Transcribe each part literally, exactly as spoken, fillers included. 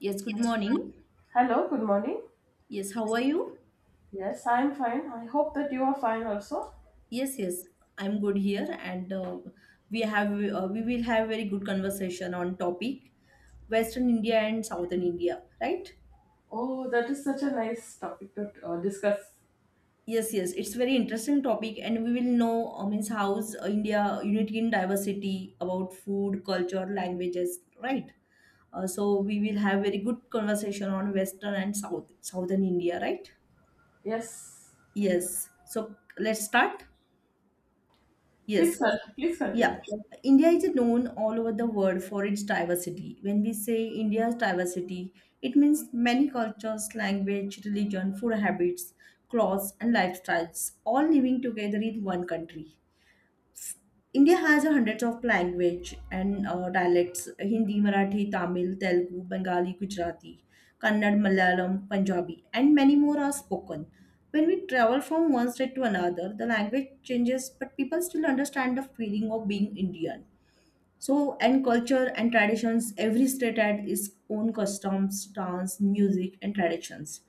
Yes, good morning. Hello, good morning. Yes, how are you? Yes, I'm fine. I hope that you are fine also. Yes, yes, I'm good here, and uh, we have uh, we will have very good conversation on topic Western India and Southern India, right? Oh, that is such a nice topic to uh, discuss. Yes, yes, it's very interesting topic, and we will know uh, means how's uh, India unity in diversity about food, culture, languages, right? Uh, so we will have very good conversation on Western and South Southern India, right? Yes, Yes. So let's start. please, Yes. con- please continue. Yeah, India is known all over the world for its diversity. When we say India's diversity, it means many cultures, language, religion, food habits, clothes, and lifestyles all living together in one country. India has hundreds of language and uh, dialects: Hindi, Marathi, Tamil, Telugu, Bengali, Gujarati, Kannada, Malayalam, Punjabi, and many more are spoken. When we travel from one state to another, the language changes, but people still understand the feeling of being Indian. So, and culture and traditions, every state had its own customs, dance, music, and traditions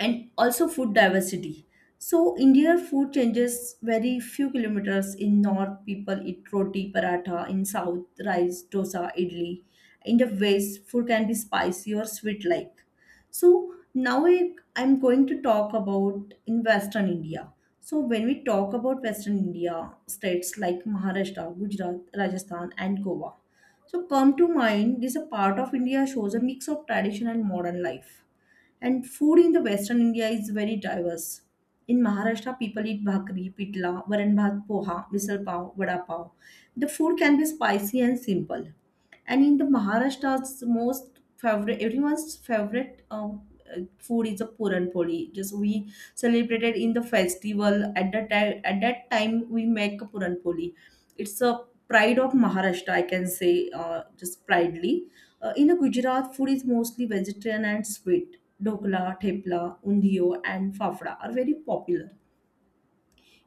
and also food diversity. So Indian food changes very few kilometers. In north, people eat roti, paratha. In south, rice, dosa, idli. In the west, food can be spicy or sweet like. So now I, I'm going to talk about in Western India. So when we talk about Western India, states like Maharashtra, Gujarat, Rajasthan, and Goa. So come to mind, this a part of India shows a mix of tradition and modern life, and food in the Western India is very diverse. In Maharashtra, people eat bhakri, pitla, varan bhat, poha, misal pav, vada pav. The food can be spicy and simple. And in the Maharashtra's most favorite, everyone's favorite uh, uh, food is a puran poli. Just we celebrated in the festival at that time. At that time, we make a puran poli. It's a pride of Maharashtra, I can say, uh, just proudly uh, in a Gujarat, food is mostly vegetarian and sweet. Dokla, thepla, undio, and fafda are very popular.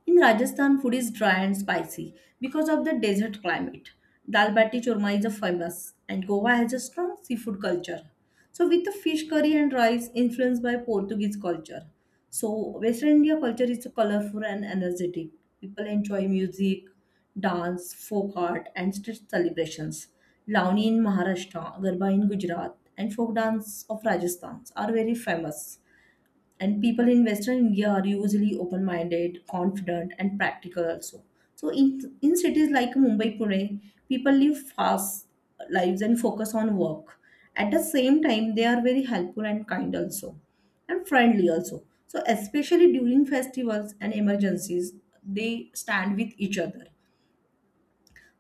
In Rajasthan, food is dry and spicy because of the desert climate. Dal bati churma is a famous, and Goa has a strong seafood culture. So, with the fish curry and rice influenced by Portuguese culture. So, Western India culture is colorful and energetic. People enjoy music, dance, folk art, and street celebrations. Launi in Maharashtra, Garba in Gujarat, and folk dance of Rajasthan are very famous, and people in Western India are usually open minded, confident, and practical also. So in in cities like Mumbai, Pune, people live fast lives and focus on work. At the same time, they are very helpful and kind also, and friendly also. So especially during festivals and emergencies, they stand with each other.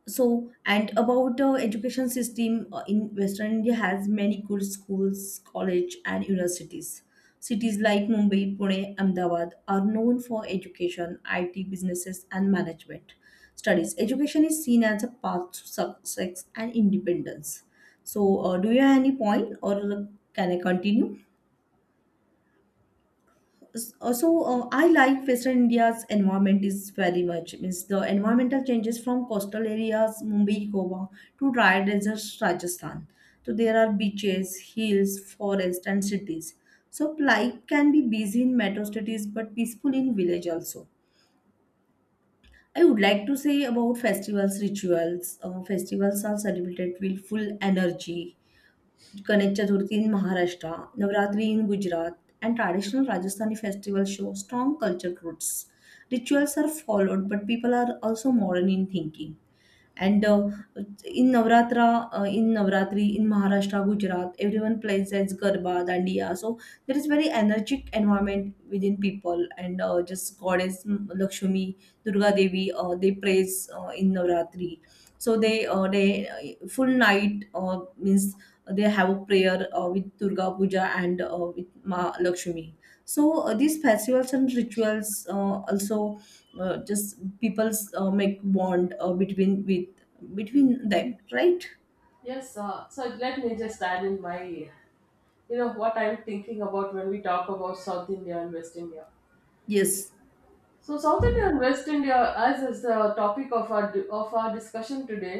So and about uh, education system uh, in Western India has many good schools, college, and universities. Cities like Mumbai, Pune, Ahmedabad are known for education, IT businesses, and management studies. Education is seen as a path to success and independence. So uh, do you have any point or can I continue? S- uh, so uh, I like Western India's environment is very much means the environmental changes from coastal areas Mumbai, Goa to dry deserts Rajasthan. So there are beaches, hills, forests, and cities. So life can be busy in metro cities but peaceful in village also. I would like to say about festivals, rituals. Uh, festivals are celebrated with full energy. Ganesh Chaturthi in Maharashtra, Navratri in Gujarat, and traditional Rajasthani festivals show strong culture roots. Rituals are followed, but people are also modern in thinking. And uh, in Navratra, uh, in Navratri, in Maharashtra, Gujarat, everyone plays as Garba, Dandiya. So there is very energetic environment within people, and uh, just goddess mm, Lakshmi, Durga Devi, uh, they praise uh, in Navratri, so they uh, they uh, full night uh, means they have a prayer uh, with Durga Puja and uh, with Ma Lakshmi. So uh, these festivals and rituals uh, also uh, just people's uh, make bond uh, between with between them, right? Yes, uh, so let me just add in my, you know, what I'm thinking about when we talk about South India and West India. Yes, So South India and West India, as is the topic of our of our discussion today,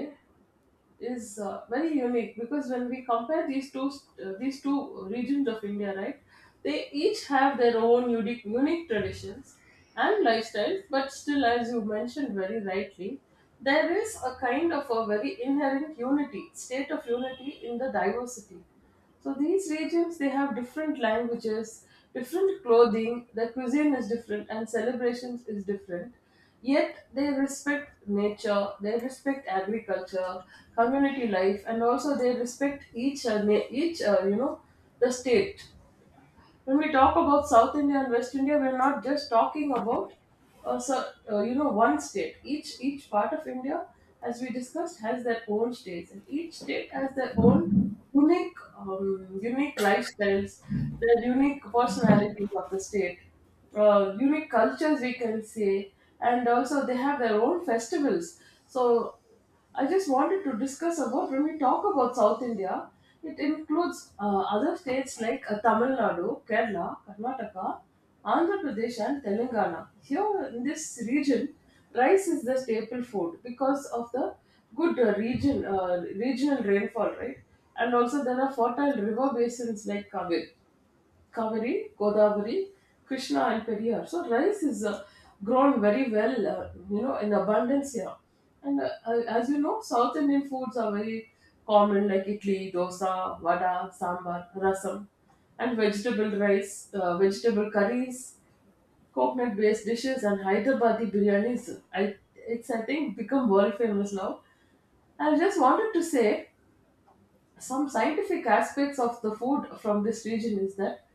is uh, very unique because when we compare these two st- uh, these two regions of India, right, they each have their own unique unique traditions and lifestyles. But still, as you mentioned very rightly, there is a kind of a very inherent unity, state of unity in the diversity. So these regions they have different languages, different clothing, their cuisine is different and celebrations is different. Yet they respect nature, they respect agriculture, community life and also they respect each uh, na- each uh, you know the state when we talk about South India and West India, we're not just talking about uh, so, uh, you know one state. Each each part of India, as we discussed, has their own states, and each state has their own unique um, unique lifestyles, their unique personalities of the state, uh, unique cultures we can say, and also they have their own festivals. So I just wanted to discuss about when we talk about South India, it includes uh, other states like uh, Tamil Nadu, Kerala, Karnataka, Andhra Pradesh, and Telangana. Here in this region, rice is the staple food because of the good uh, region uh, regional rainfall, right? And also there are fertile river basins like Kaveri. Kaveri, Godavari, Krishna, and Periyar. So rice is uh, grown very well, uh, you know, in abundance here. And uh, uh, as you know, South Indian foods are very common, like idli, dosa, vada, sambar, rasam, and vegetable rice, uh, vegetable curries, coconut-based dishes, and Hyderabadi biryanis. I, it's I think become world famous now. I just wanted to say some scientific aspects of the food from this region is that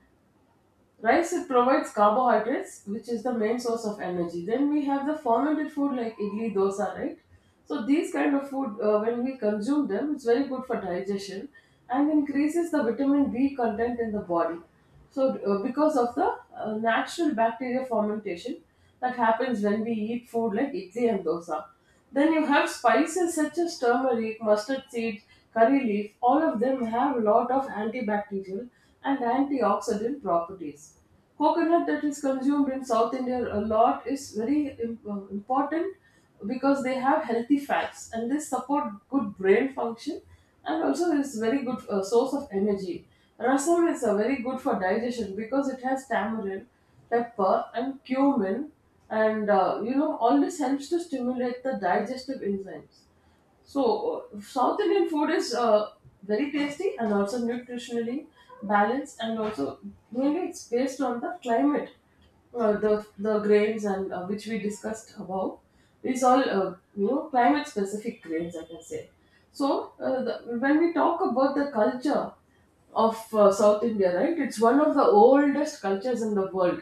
rice it provides carbohydrates, which is the main source of energy. Then we have the fermented food like idli, dosa, right? So these kind of food, uh, when we consume them, it's very good for digestion and increases the vitamin B content in the body. So uh, because of the uh, natural bacteria fermentation that happens when we eat food like idli and dosa. Then you have spices such as turmeric, mustard seeds, curry leaf. All of them have a lot of antibacterial and antioxidant properties. Coconut that is consumed in South India a lot is very im- uh, important because they have healthy fats and they support good brain function and also is very good uh, source of energy. Rasam is uh, very good for digestion because it has tamarind, pepper and cumin and uh, you know all this helps to stimulate the digestive enzymes so uh, south indian food is uh, very tasty and also nutritionally balanced and also mainly it's based on the climate uh, the the grains and uh, which we discussed above is all uh, you know climate specific grains I can say so uh, the, when we talk about the culture of uh, South India, right? It's one of the oldest cultures in the world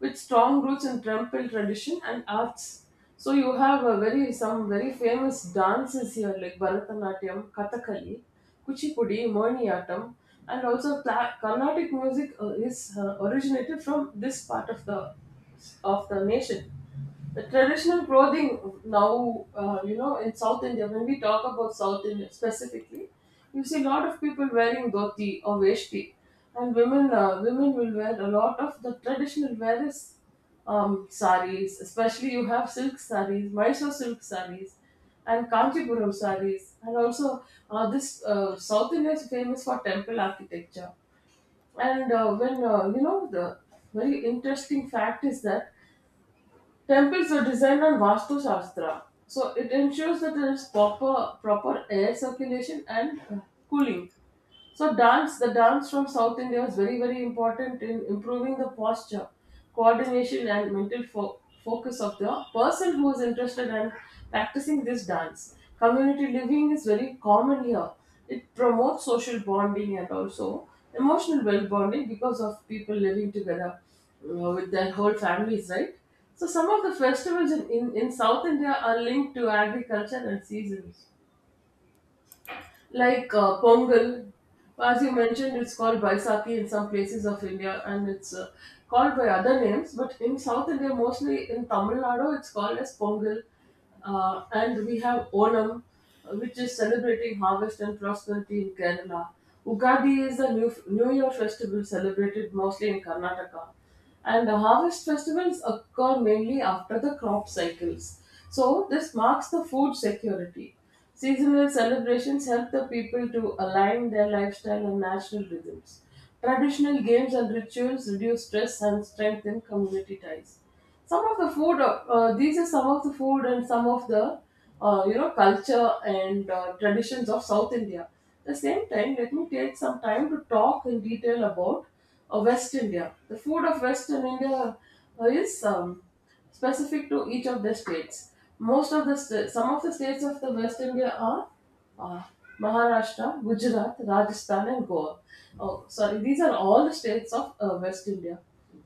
with strong roots in temple tradition and arts. So you have a very some very famous dances here like Bharatanatyam, Kathakali, Kuchipudi, Mohiniyattam, and also Cla- Carnatic music uh, is uh, originated from this part of the of the nation. The traditional clothing now, uh, you know, in South India, when we talk about South India specifically, you see a lot of people wearing dhoti or veshti, and women uh, women will wear a lot of the traditional wear is um, saris. Especially you have silk saris, Mysore silk saris, and Kanchipuram saris, and also uh, this uh, South India is famous for temple architecture. And uh, when uh, you know the very interesting fact is that temples are designed on Vastu Shastra, so it ensures that there is proper proper air circulation and uh, cooling. So dance, the dance from South India is very, very important in improving the posture, coordination, and mental fo- focus of the person who is interested in practicing this dance. Community living is very common here. It promotes social bonding and also emotional well bonding because of people living together uh, with their whole families, right? So some of the festivals in, in, in South India are linked to agriculture and seasons. Like uh, Pongal, as you mentioned, it's called Baisakhi in some places of India and it's uh, called by other names, but in South India, mostly in Tamil Nadu, it's called as Pongal. Uh, and we have Onam, uh, which is celebrating harvest and prosperity in Kerala. Ugadi is a new, new Year festival celebrated mostly in Karnataka. And the harvest festivals occur mainly after the crop cycles. So, this marks the food security. Seasonal celebrations help the people to align their lifestyle and natural rhythms. Traditional games and rituals reduce stress and strengthen community ties. Some of the food, uh, uh, these are some of the food and some of the, uh, you know, culture and uh, traditions of South India. At the same time, let me take some time to talk in detail about uh, West India. The food of Western India uh, is um, specific to each of the states. Most of the sta- some of the states of the West India are uh, Maharashtra, Gujarat, Rajasthan, and Goa. Oh, sorry, these are all the states of uh, West India,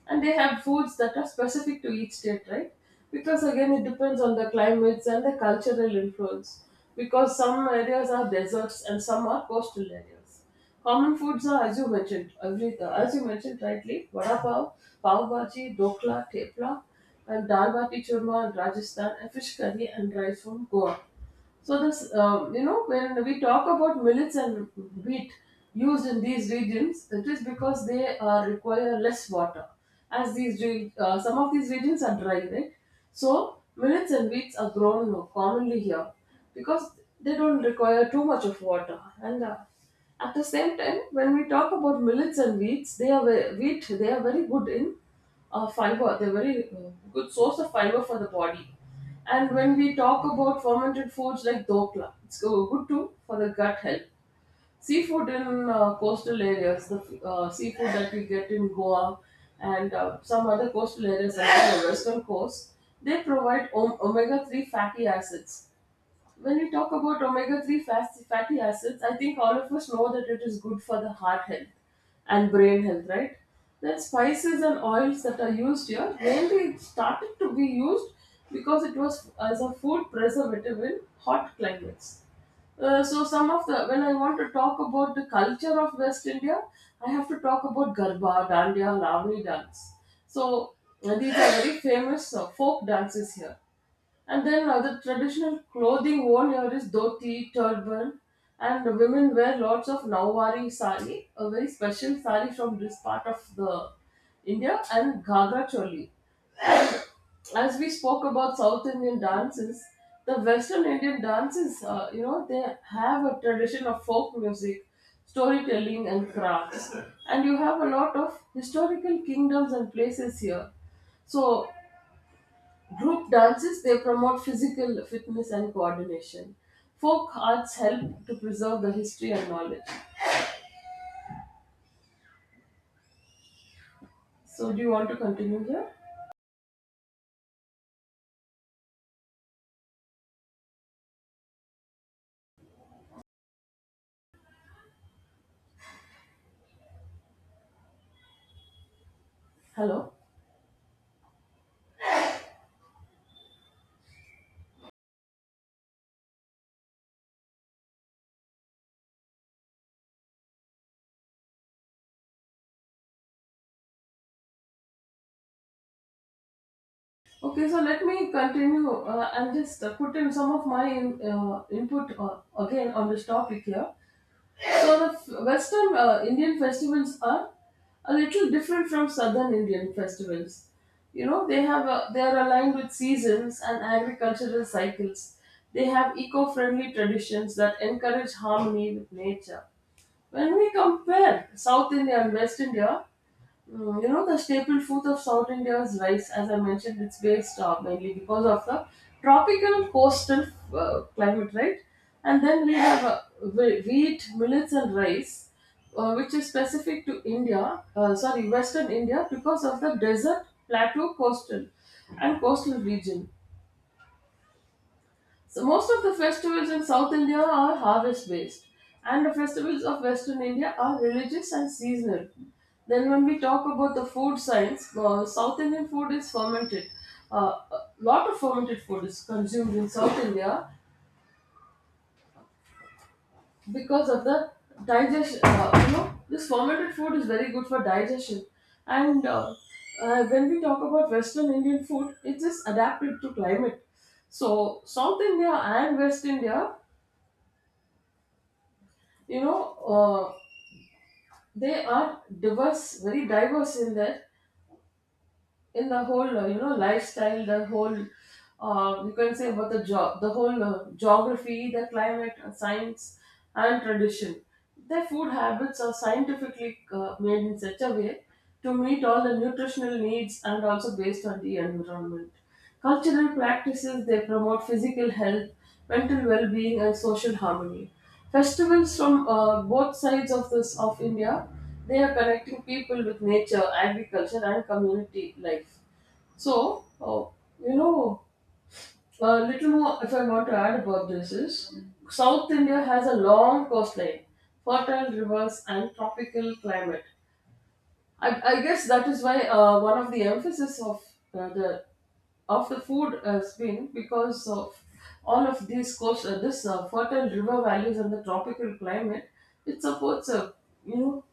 and they have foods that are specific to each state, right? Because again, it depends on the climates and the cultural influence. Because some areas are deserts and some are coastal areas. Common foods are, as you mentioned, every uh, as you mentioned rightly, vada pav, pav bhaji, dokla, tepla, and dal bati churma in Rajasthan, and fish curry and rice from Goa. So this, um, you know, when we talk about millets and wheat used in these regions, it is because they uh, require less water, as these re- uh, some of these regions are dry, right? So millets and wheats are grown commonly here because they don't require too much of water. And uh, at the same time, when we talk about millets and wheats, they are ve- wheat. They are very good in uh, fiber. They're very uh, good source of fiber for the body. And when we talk about fermented foods like dokla, it's go- good too for the gut health. Seafood in uh, coastal areas, the f- uh, seafood that we get in Goa and uh, some other coastal areas along the western coast, they provide om- omega three fatty acids when we talk about omega three fast- fatty acids, I think all of us know that it is good for the heart health and brain health, right? Then spices and oils that are used here mainly it started to be used because it was as a food preservative in hot climates. Uh, so some of the when I want to talk about the culture of West India, I have to talk about Garba, Dandiya, Ravani dance. So uh, these are very famous uh, folk dances here. And then uh, the traditional clothing worn here is dhoti, turban, and the women wear lots of Nawari sari, a very special sari from this part of the India, and ghagra choli. As we spoke about South Indian dances, the Western Indian dances, uh, you know, they have a tradition of folk music, storytelling, and crafts. And you have a lot of historical kingdoms and places here. So group dances, they promote physical fitness and coordination. Folk arts help to preserve the history and knowledge. So, do you want to continue here? Hello. Okay, so let me continue uh, and just uh, put in some of my in, uh, input uh, again on this topic here. So the Western uh, Indian festivals are a little different from Southern Indian festivals. You know, they have a, they are aligned with seasons and agricultural cycles. They have eco-friendly traditions that encourage harmony with nature. When we compare South India and West India, mm, you know, the staple food of South India is rice. As I mentioned, it's based uh, mainly because of the tropical coastal uh, climate, right? And then we have uh, whe- wheat, millets, and rice, uh, which is specific to India, uh, sorry, Western India, because of the desert, plateau, coastal, and coastal region. So most of the festivals in South India are harvest based, and the festivals of Western India are religious and seasonal. Then, when we talk about the food science, uh, South Indian food is fermented. Uh, a lot of fermented food is consumed in South India because of the digestion. Uh, you know, this fermented food is very good for digestion. And uh, uh, When we talk about Western Indian food, it is adapted to climate. So South India and West India, you know uh, they are diverse very diverse in that, in the whole uh, you know lifestyle, the whole, uh, you can say about the job, the whole uh, geography, the climate, uh, science, and tradition. Their food habits are scientifically uh, made in such a way to meet all the nutritional needs and also based on the environment. Cultural practices, they promote physical health, mental well-being, and social harmony. Festivals from uh, both sides of this of India, they are connecting people with nature, agriculture, and community life. So, uh, you know, a little more if I want to add about this is, South India has a long coastline, fertile rivers, and tropical climate. I, I guess that is why uh, one of the emphasis of uh, the of the food uh, spin, because of all of these coast, uh, this uh, fertile river valleys and the tropical climate, it supports, uh, you know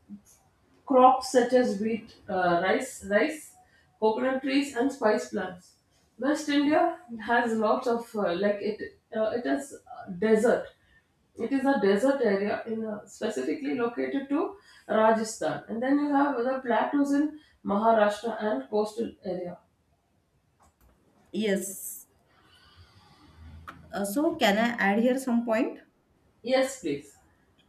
crops such as wheat, uh, rice, rice, coconut trees, and spice plants. West India has lots of uh, like it uh, it has uh, desert. It is a desert area in a, specifically located to Rajasthan, and then you have the plateaus in Maharashtra and coastal area. yes. Uh, so can I add here some point? Yes, please.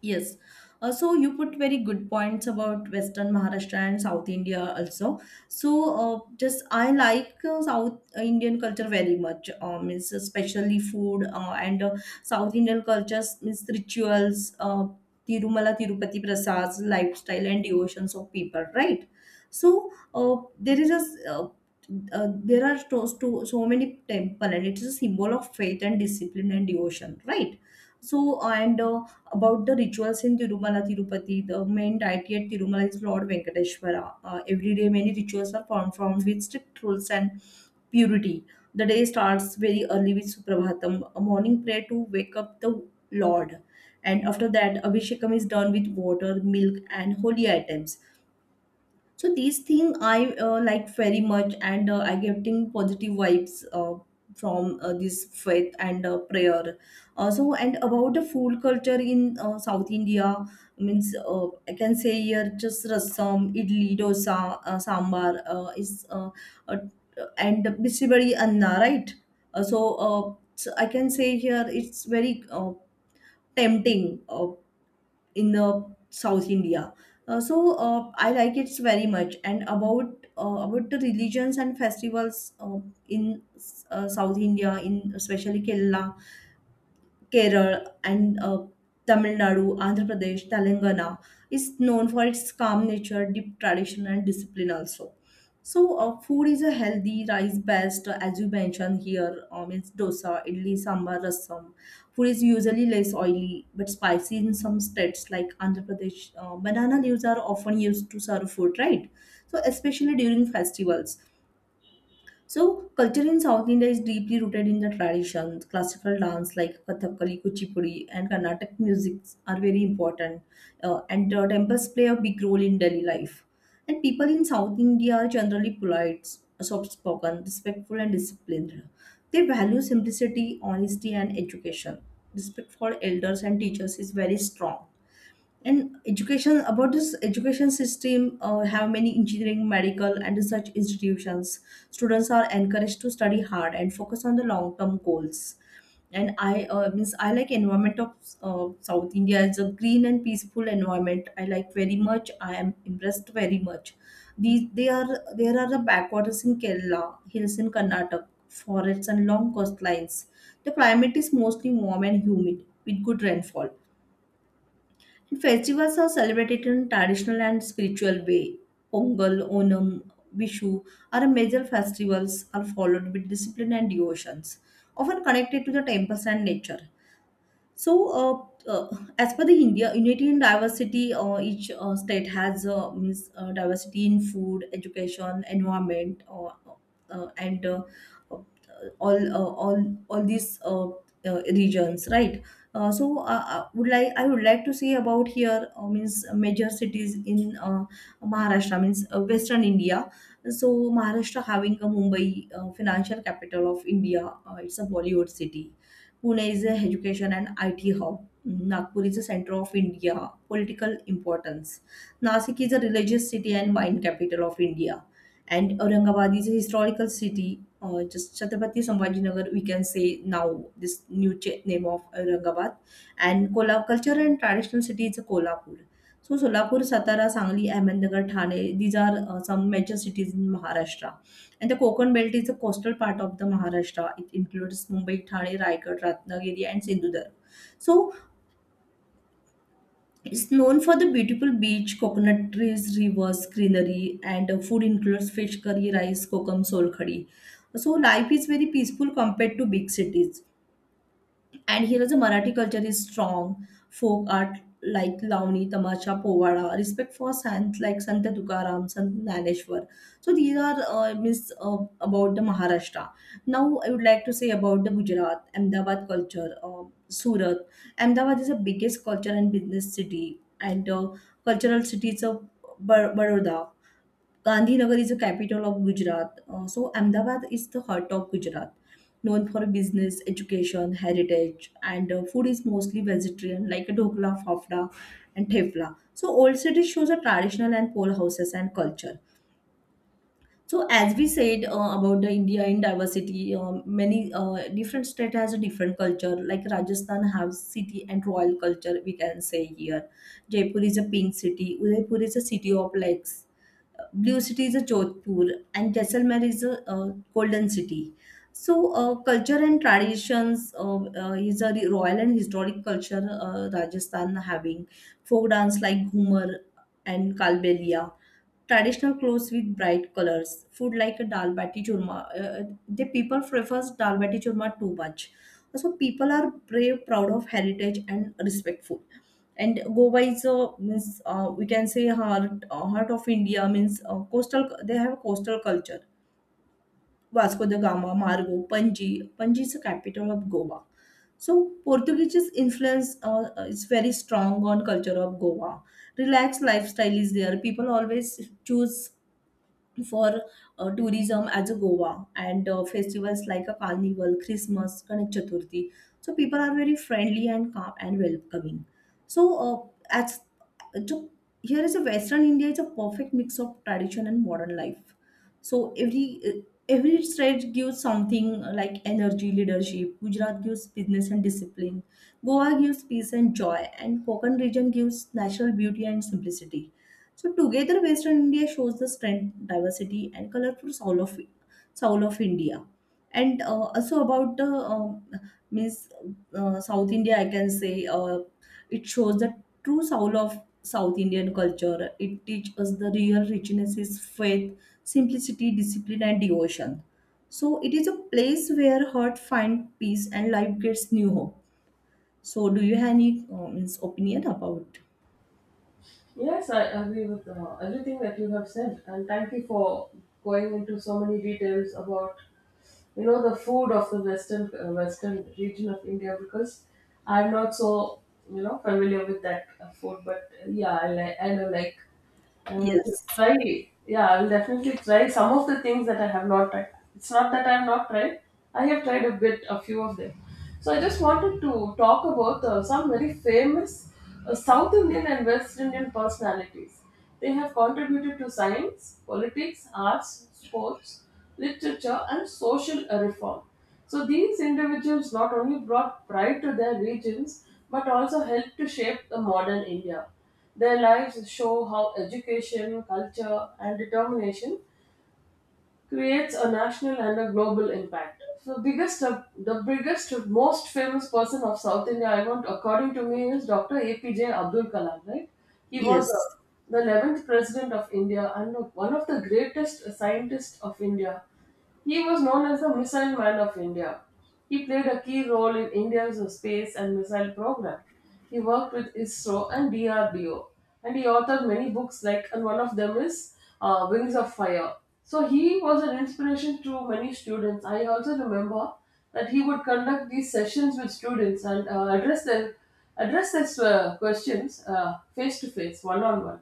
Yes. Uh, so you put very good points about Western Maharashtra and South India also. So uh, just I like uh, South Indian culture very much. Um, means especially food uh, and uh, South Indian cultures means rituals, uh, Tirumala Tirupati Prasad's lifestyle and devotions of people, right? So uh, there is a s- uh, uh, there are so, so so many temple and it is a symbol of faith and discipline and devotion, right? So and uh, about the rituals in Tirumala Tirupati. The main deity at Tirumala is Lord Venkateswara. Uh, every day, many rituals are performed with strict rules and purity. The day starts very early with Suprabhatam, a morning prayer to wake up the Lord. And after that, Abhishekam is done with water, milk, and holy items. So these thing I uh, like very much, and uh, I getting positive vibes uh, from uh, this faith and uh, prayer. Uh, so and about the food culture in uh, South India means uh, I can say here just rasam, idli, dosa, uh, sambar uh, is uh, uh, and basically anna, right. Uh, so uh, so I can say here it's very uh, tempting. Uh, in the South India. Uh, so uh, I like it very much. And about uh, about the religions and festivals uh, in uh, South India, in especially Kerala, Kerala and uh, Tamil Nadu, Andhra Pradesh, Telangana is known for its calm nature, deep tradition, and discipline also. So, uh, food is a healthy rice based, uh, as you mentioned here, um, it's dosa, idli, sambar, rasam. Food is usually less oily but spicy in some states like Andhra Pradesh. Uh, banana leaves are often used to serve food, right? So, especially during festivals. So, culture in South India is deeply rooted in the traditions. Classical dance like Kathakali, Kuchipudi, and Carnatic music are very important. Uh, and uh, temples play a big role in daily life. And people in South India are generally polite, soft spoken, respectful, and disciplined. They value simplicity, honesty, and education. Respect for elders and teachers is very strong. And education about this education system uh, have many engineering, medical, and research institutions. Students are encouraged to study hard and focus on the long term goals. And I uh, means I like environment of uh, South India. It's a green and peaceful environment. I like very much. I am impressed very much. These they are there are the backwaters in Kerala, hills in Karnataka, forests and long coastlines. The climate is mostly warm and humid with good rainfall. Festivals are celebrated in traditional and spiritual way. Pongal, Onam, Vishu are major festivals are followed with discipline and devotions, often connected to the temples and nature. So, uh, uh, as per the India unity in diversity, uh, each uh, state has uh, means uh, diversity in food, education, environment, uh, uh, and uh, uh, all uh, all all these uh, uh, regions, right? Uh, so, uh, uh, would like I would like to say about here uh, means major cities in uh, Maharashtra means uh, Western India. So, Maharashtra having a Mumbai uh, financial capital of India, uh, it's a Bollywood city. Pune is a education and I T hub. Nagpur is the center of India, political importance. Nasik is a religious city and wine capital of India. And Aurangabad is a historical city. Uh, just Chhatrapati Sambhajinagar, we can say now this new ch- name of Aurangabad. And Kolhapur culture and traditional city is Kolhapur. So Solapur, Satara, Sangli, Ahmednagar, Thane, these are uh, some major cities in Maharashtra. And the Konkan belt is the coastal part of the Maharashtra. It includes Mumbai, Thane, Raigad, Ratnagiri, and Sindhudurg. So it's known for the beautiful beach, coconut trees, rivers, greenery, and uh, food includes fish curry, rice, kokum, sol. So life is very peaceful compared to big cities. And here is a Marathi culture is strong. Folk art like Lavani, Tamacha, Povada, respect for saints like Sant Tukaram, Sant Naneshwar. So these are uh, means uh, about the Maharashtra. Now I would like to say about the Gujarat, Ahmedabad culture, uh, Surat. Ahmedabad is the biggest culture and business city, and uh, cultural city is of Bar- Baroda. Gandhinagar is the capital of Gujarat. Uh, so Ahmedabad is the heart of Gujarat, known for business, education, heritage, and uh, food is mostly vegetarian, like dhokla, fafda, and thepla. So old city shows a traditional and pole houses and culture. So as we said uh, about the India in diversity, um, many uh, different state has a different culture. Like Rajasthan has city and royal culture, we can say here. Jaipur is a pink city. Udaipur is a city of lakes. Blue City is a Jodhpur, and Jaisalmer is a uh, Golden City. So, uh, culture and traditions uh, uh, is a royal and historic culture. uh, Rajasthan having folk dance like Ghumar and Kalbelia, traditional clothes with bright colors, food like a dal bati churma. Uh, the people prefers dal bati churma too much. So people are brave, proud of heritage, and respectful. And Goa is a means uh, we can say heart uh, heart of India means uh, coastal. They have coastal culture. Vasco da Gama, Margo, Panji. Panji is the capital of Goa. So Portuguese influence uh, is very strong on culture of Goa. Relaxed lifestyle is there. People always choose for uh, tourism as a Goa, and uh, festivals like a carnival, Christmas, Ganesh Chaturthi. So people are very friendly and calm and welcoming. So uh, as so here is a Western India is a perfect mix of tradition and modern life. So every uh, every state gives something uh, like energy, leadership. Gujarat gives business and discipline. Goa gives peace and joy, and Konkan region gives natural beauty and simplicity. So together, Western India shows the strength, diversity, and colorful soul of soul of India. And uh, also about the um means uh, South India, I can say uh, it shows the true soul of South Indian culture. It teaches us the real richness is faith, simplicity, discipline, and devotion. So it is a place where heart finds peace and life gets new hope. So do you have any uh, means opinion about? Yes, I agree with uh, everything that you have said, and thank you for going into so many details about, you know, the food of the western uh, western region of India, because I'm not so, you know, familiar with that uh, food, but uh, yeah, I like I know like uh, to Yes. try. Yeah, I'll definitely try some of the things that I have not tried. It's not that I've not tried. I have tried a bit, a few of them. So I just wanted to talk about uh, some very famous uh, South Indian and West Indian personalities. They have contributed to science, politics, arts, sports, literature, and social reform. So these individuals not only brought pride to their regions but also helped to shape the modern India. Their lives show how education, culture, and determination creates a national and a global impact. So biggest uh, the biggest most famous person of South India, I want according to me, is Doctor A P J Abdul Kalam, right? He was uh, Yes. the eleventh president of India and one of the greatest scientists of India. He was known as the Missile Man of India. He played a key role in India's space and missile program. He worked with ISRO and D R D O, and he authored many books, like, and one of them is uh, Wings of Fire. So he was an inspiration to many students. I also remember that he would conduct these sessions with students and uh, address their address their uh, questions, uh, face to face, one on one.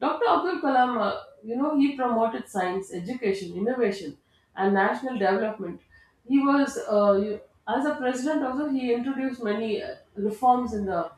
Doctor Abdul Kalam, uh, you know, he promoted science, education, innovation, and national development. He was, uh, you- as a president, also, he introduced many uh, reforms in the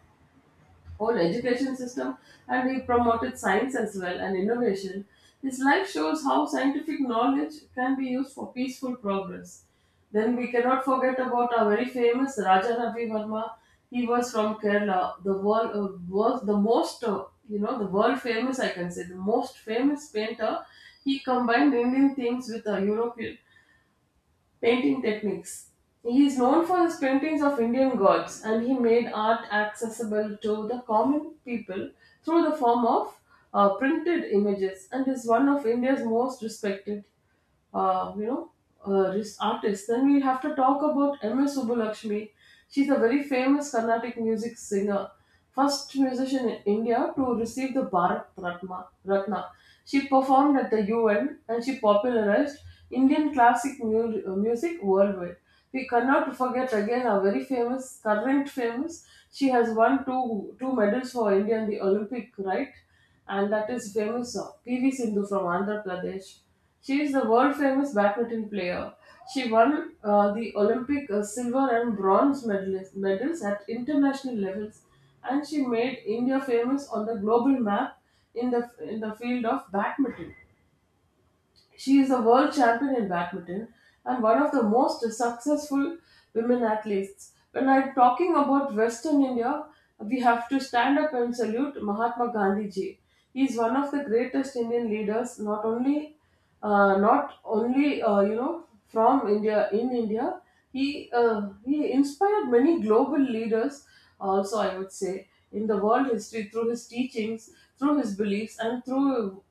whole education system, and he promoted science as well and innovation. His life shows how scientific knowledge can be used for peaceful progress. Then we cannot forget about our very famous Raja Ravi Verma. He was from Kerala, the world uh, was the most uh, you know the world famous, I can say, the most famous painter. He combined Indian themes with uh, European painting techniques. He is known for his paintings of Indian gods, and he made art accessible to the common people through the form of uh, printed images, and is one of India's most respected, uh, you know, uh, this artist. Then we have to talk about M S. Subbulakshmi. She's a very famous Carnatic music singer, first musician in India to receive the Bharat Ratna. Ratna. She performed at the U N, and she popularized Indian classic mu- uh, music worldwide. We cannot forget again our very famous, current famous. She has won two two medals for India in the Olympic, right? And that is famous uh, P V Sindhu from Andhra Pradesh. She is the world famous badminton player. She won uh, the Olympic uh, silver and bronze medalist, medals at international levels, and she made India famous on the global map in the in the field of badminton. She is a world champion in badminton and one of the most successful women athletes. When I'm talking about Western India, we have to stand up and salute Mahatma Gandhi ji. He is one of the greatest Indian leaders, not only uh, not only, uh, you know from India, in India. He uh, he inspired many global leaders. Also, I would say in the world history, through his teachings, through his beliefs, and through,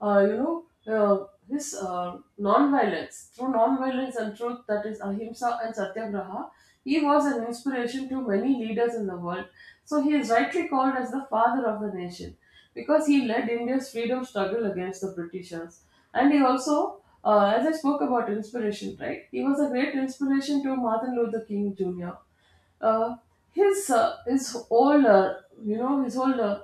uh, you know, uh, his uh, non-violence, through non-violence and truth, that is ahimsa and satyagraha, he was an inspiration to many leaders in the world. So he is rightly called as the father of the nation, because he led India's freedom struggle against the Britishers. And he also, uh, as I spoke about inspiration, right? He was a great inspiration to Martin Luther King Jr. uh, his uh, his whole uh, you know his whole uh,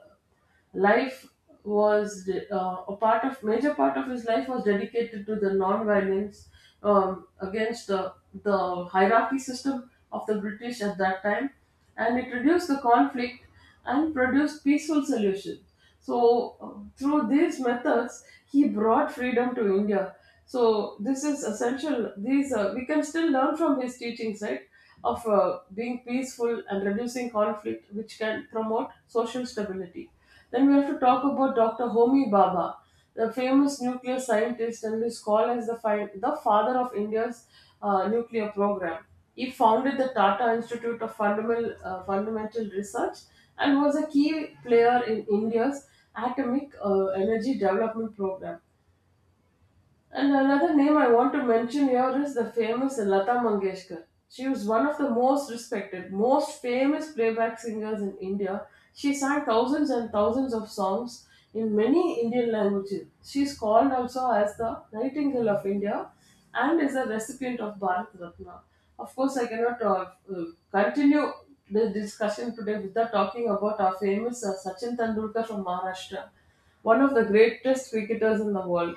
Life was uh, a part of major part of his life was dedicated to the non-violence, um, against the the hierarchy system of the British at that time, and it reduced the conflict and produced peaceful solutions. So, uh, through these methods, he brought freedom to India. So, this is essential. These, uh, we can still learn from his teachings, right? Of uh, being peaceful and reducing conflict, which can promote social stability. Then we have to talk about Doctor Homi Baba, the famous nuclear scientist, and is called as the, fi- the father of India's uh, nuclear program. He founded the Tata Institute of Fundamental, uh, Fundamental Research, and was a key player in India's atomic uh, energy development program. And another name I want to mention here is the famous Lata Mangeshkar. She was one of the most respected, most famous playback singers in India. She sang thousands and thousands of songs in many Indian languages. She is called also as the Nightingale of India, and is a recipient of Bharat Ratna. Of course, I cannot uh, uh, continue the discussion today without talking about our famous uh, Sachin Tendulkar from Maharashtra, one of the greatest cricketers in the world.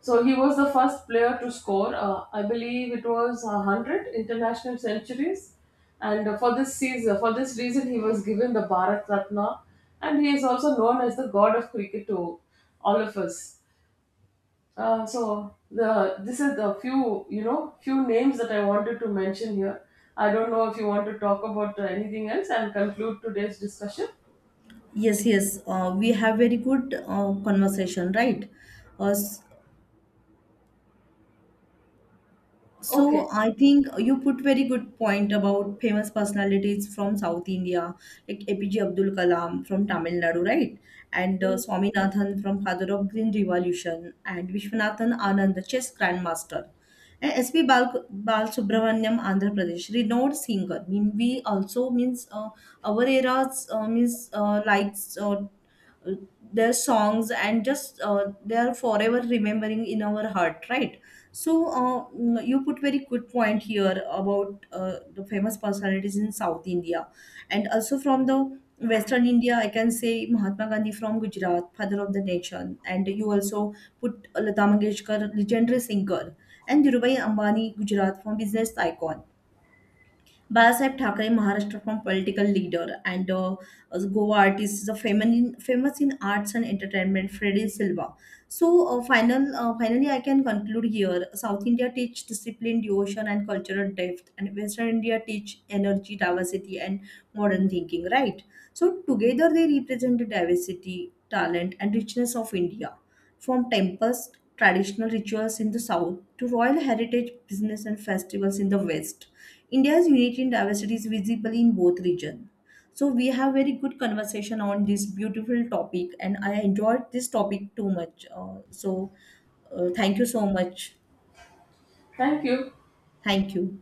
So he was the first player to score, Uh, I believe it was a hundred international centuries, and uh, for this season, for this reason, he was given the Bharat Ratna, and he is also known as the god of cricket to all of us. Uh, so the this is the few, you know few names that I wanted to mention here. I don't know if you want to talk about uh, anything else and conclude today's discussion. Yes, yes. Uh, we have very good uh, conversation, right? Uh, s- so Okay. I think you put very good point about famous personalities from South India, like A P J Abdul Kalam from Tamil Nadu, right? And uh, Swaminathan from Father of Green Revolution, and Vishwanathan Anand, the chess grandmaster. And S P. Bal, Bal Subramanyam, Andhra Pradesh, renowned singer. Mean we also means uh, our era's uh, means uh, likes uh, their songs and just uh, they are forever remembering in our heart, right. So uh, mm, you put very good point here about uh, the famous personalities in South India and also from the Western India. I can say Mahatma Gandhi from Gujarat, father of the nation, and you also put Lata Mangeshkar, legendary singer, and Dhirubhai Ambani, Gujarat, from business icon. Balasaheb Thakre, Maharashtra, from political leader, and uh, as Goa artist is a feminine, famous in arts and entertainment, Freddy Silva. So uh, final, uh, finally, I can conclude here. South India teach discipline, devotion, and cultural depth, and Western India teach energy, diversity, and modern thinking. Right. So together they represent the diversity, talent, and richness of India. From tempest traditional rituals in the south to royal heritage business and festivals in the west, India's unity and diversity is visible in both regions. So we have very good conversation on this beautiful topic, and I enjoyed this topic too much. Uh, so uh, thank you so much. Thank you. Thank you.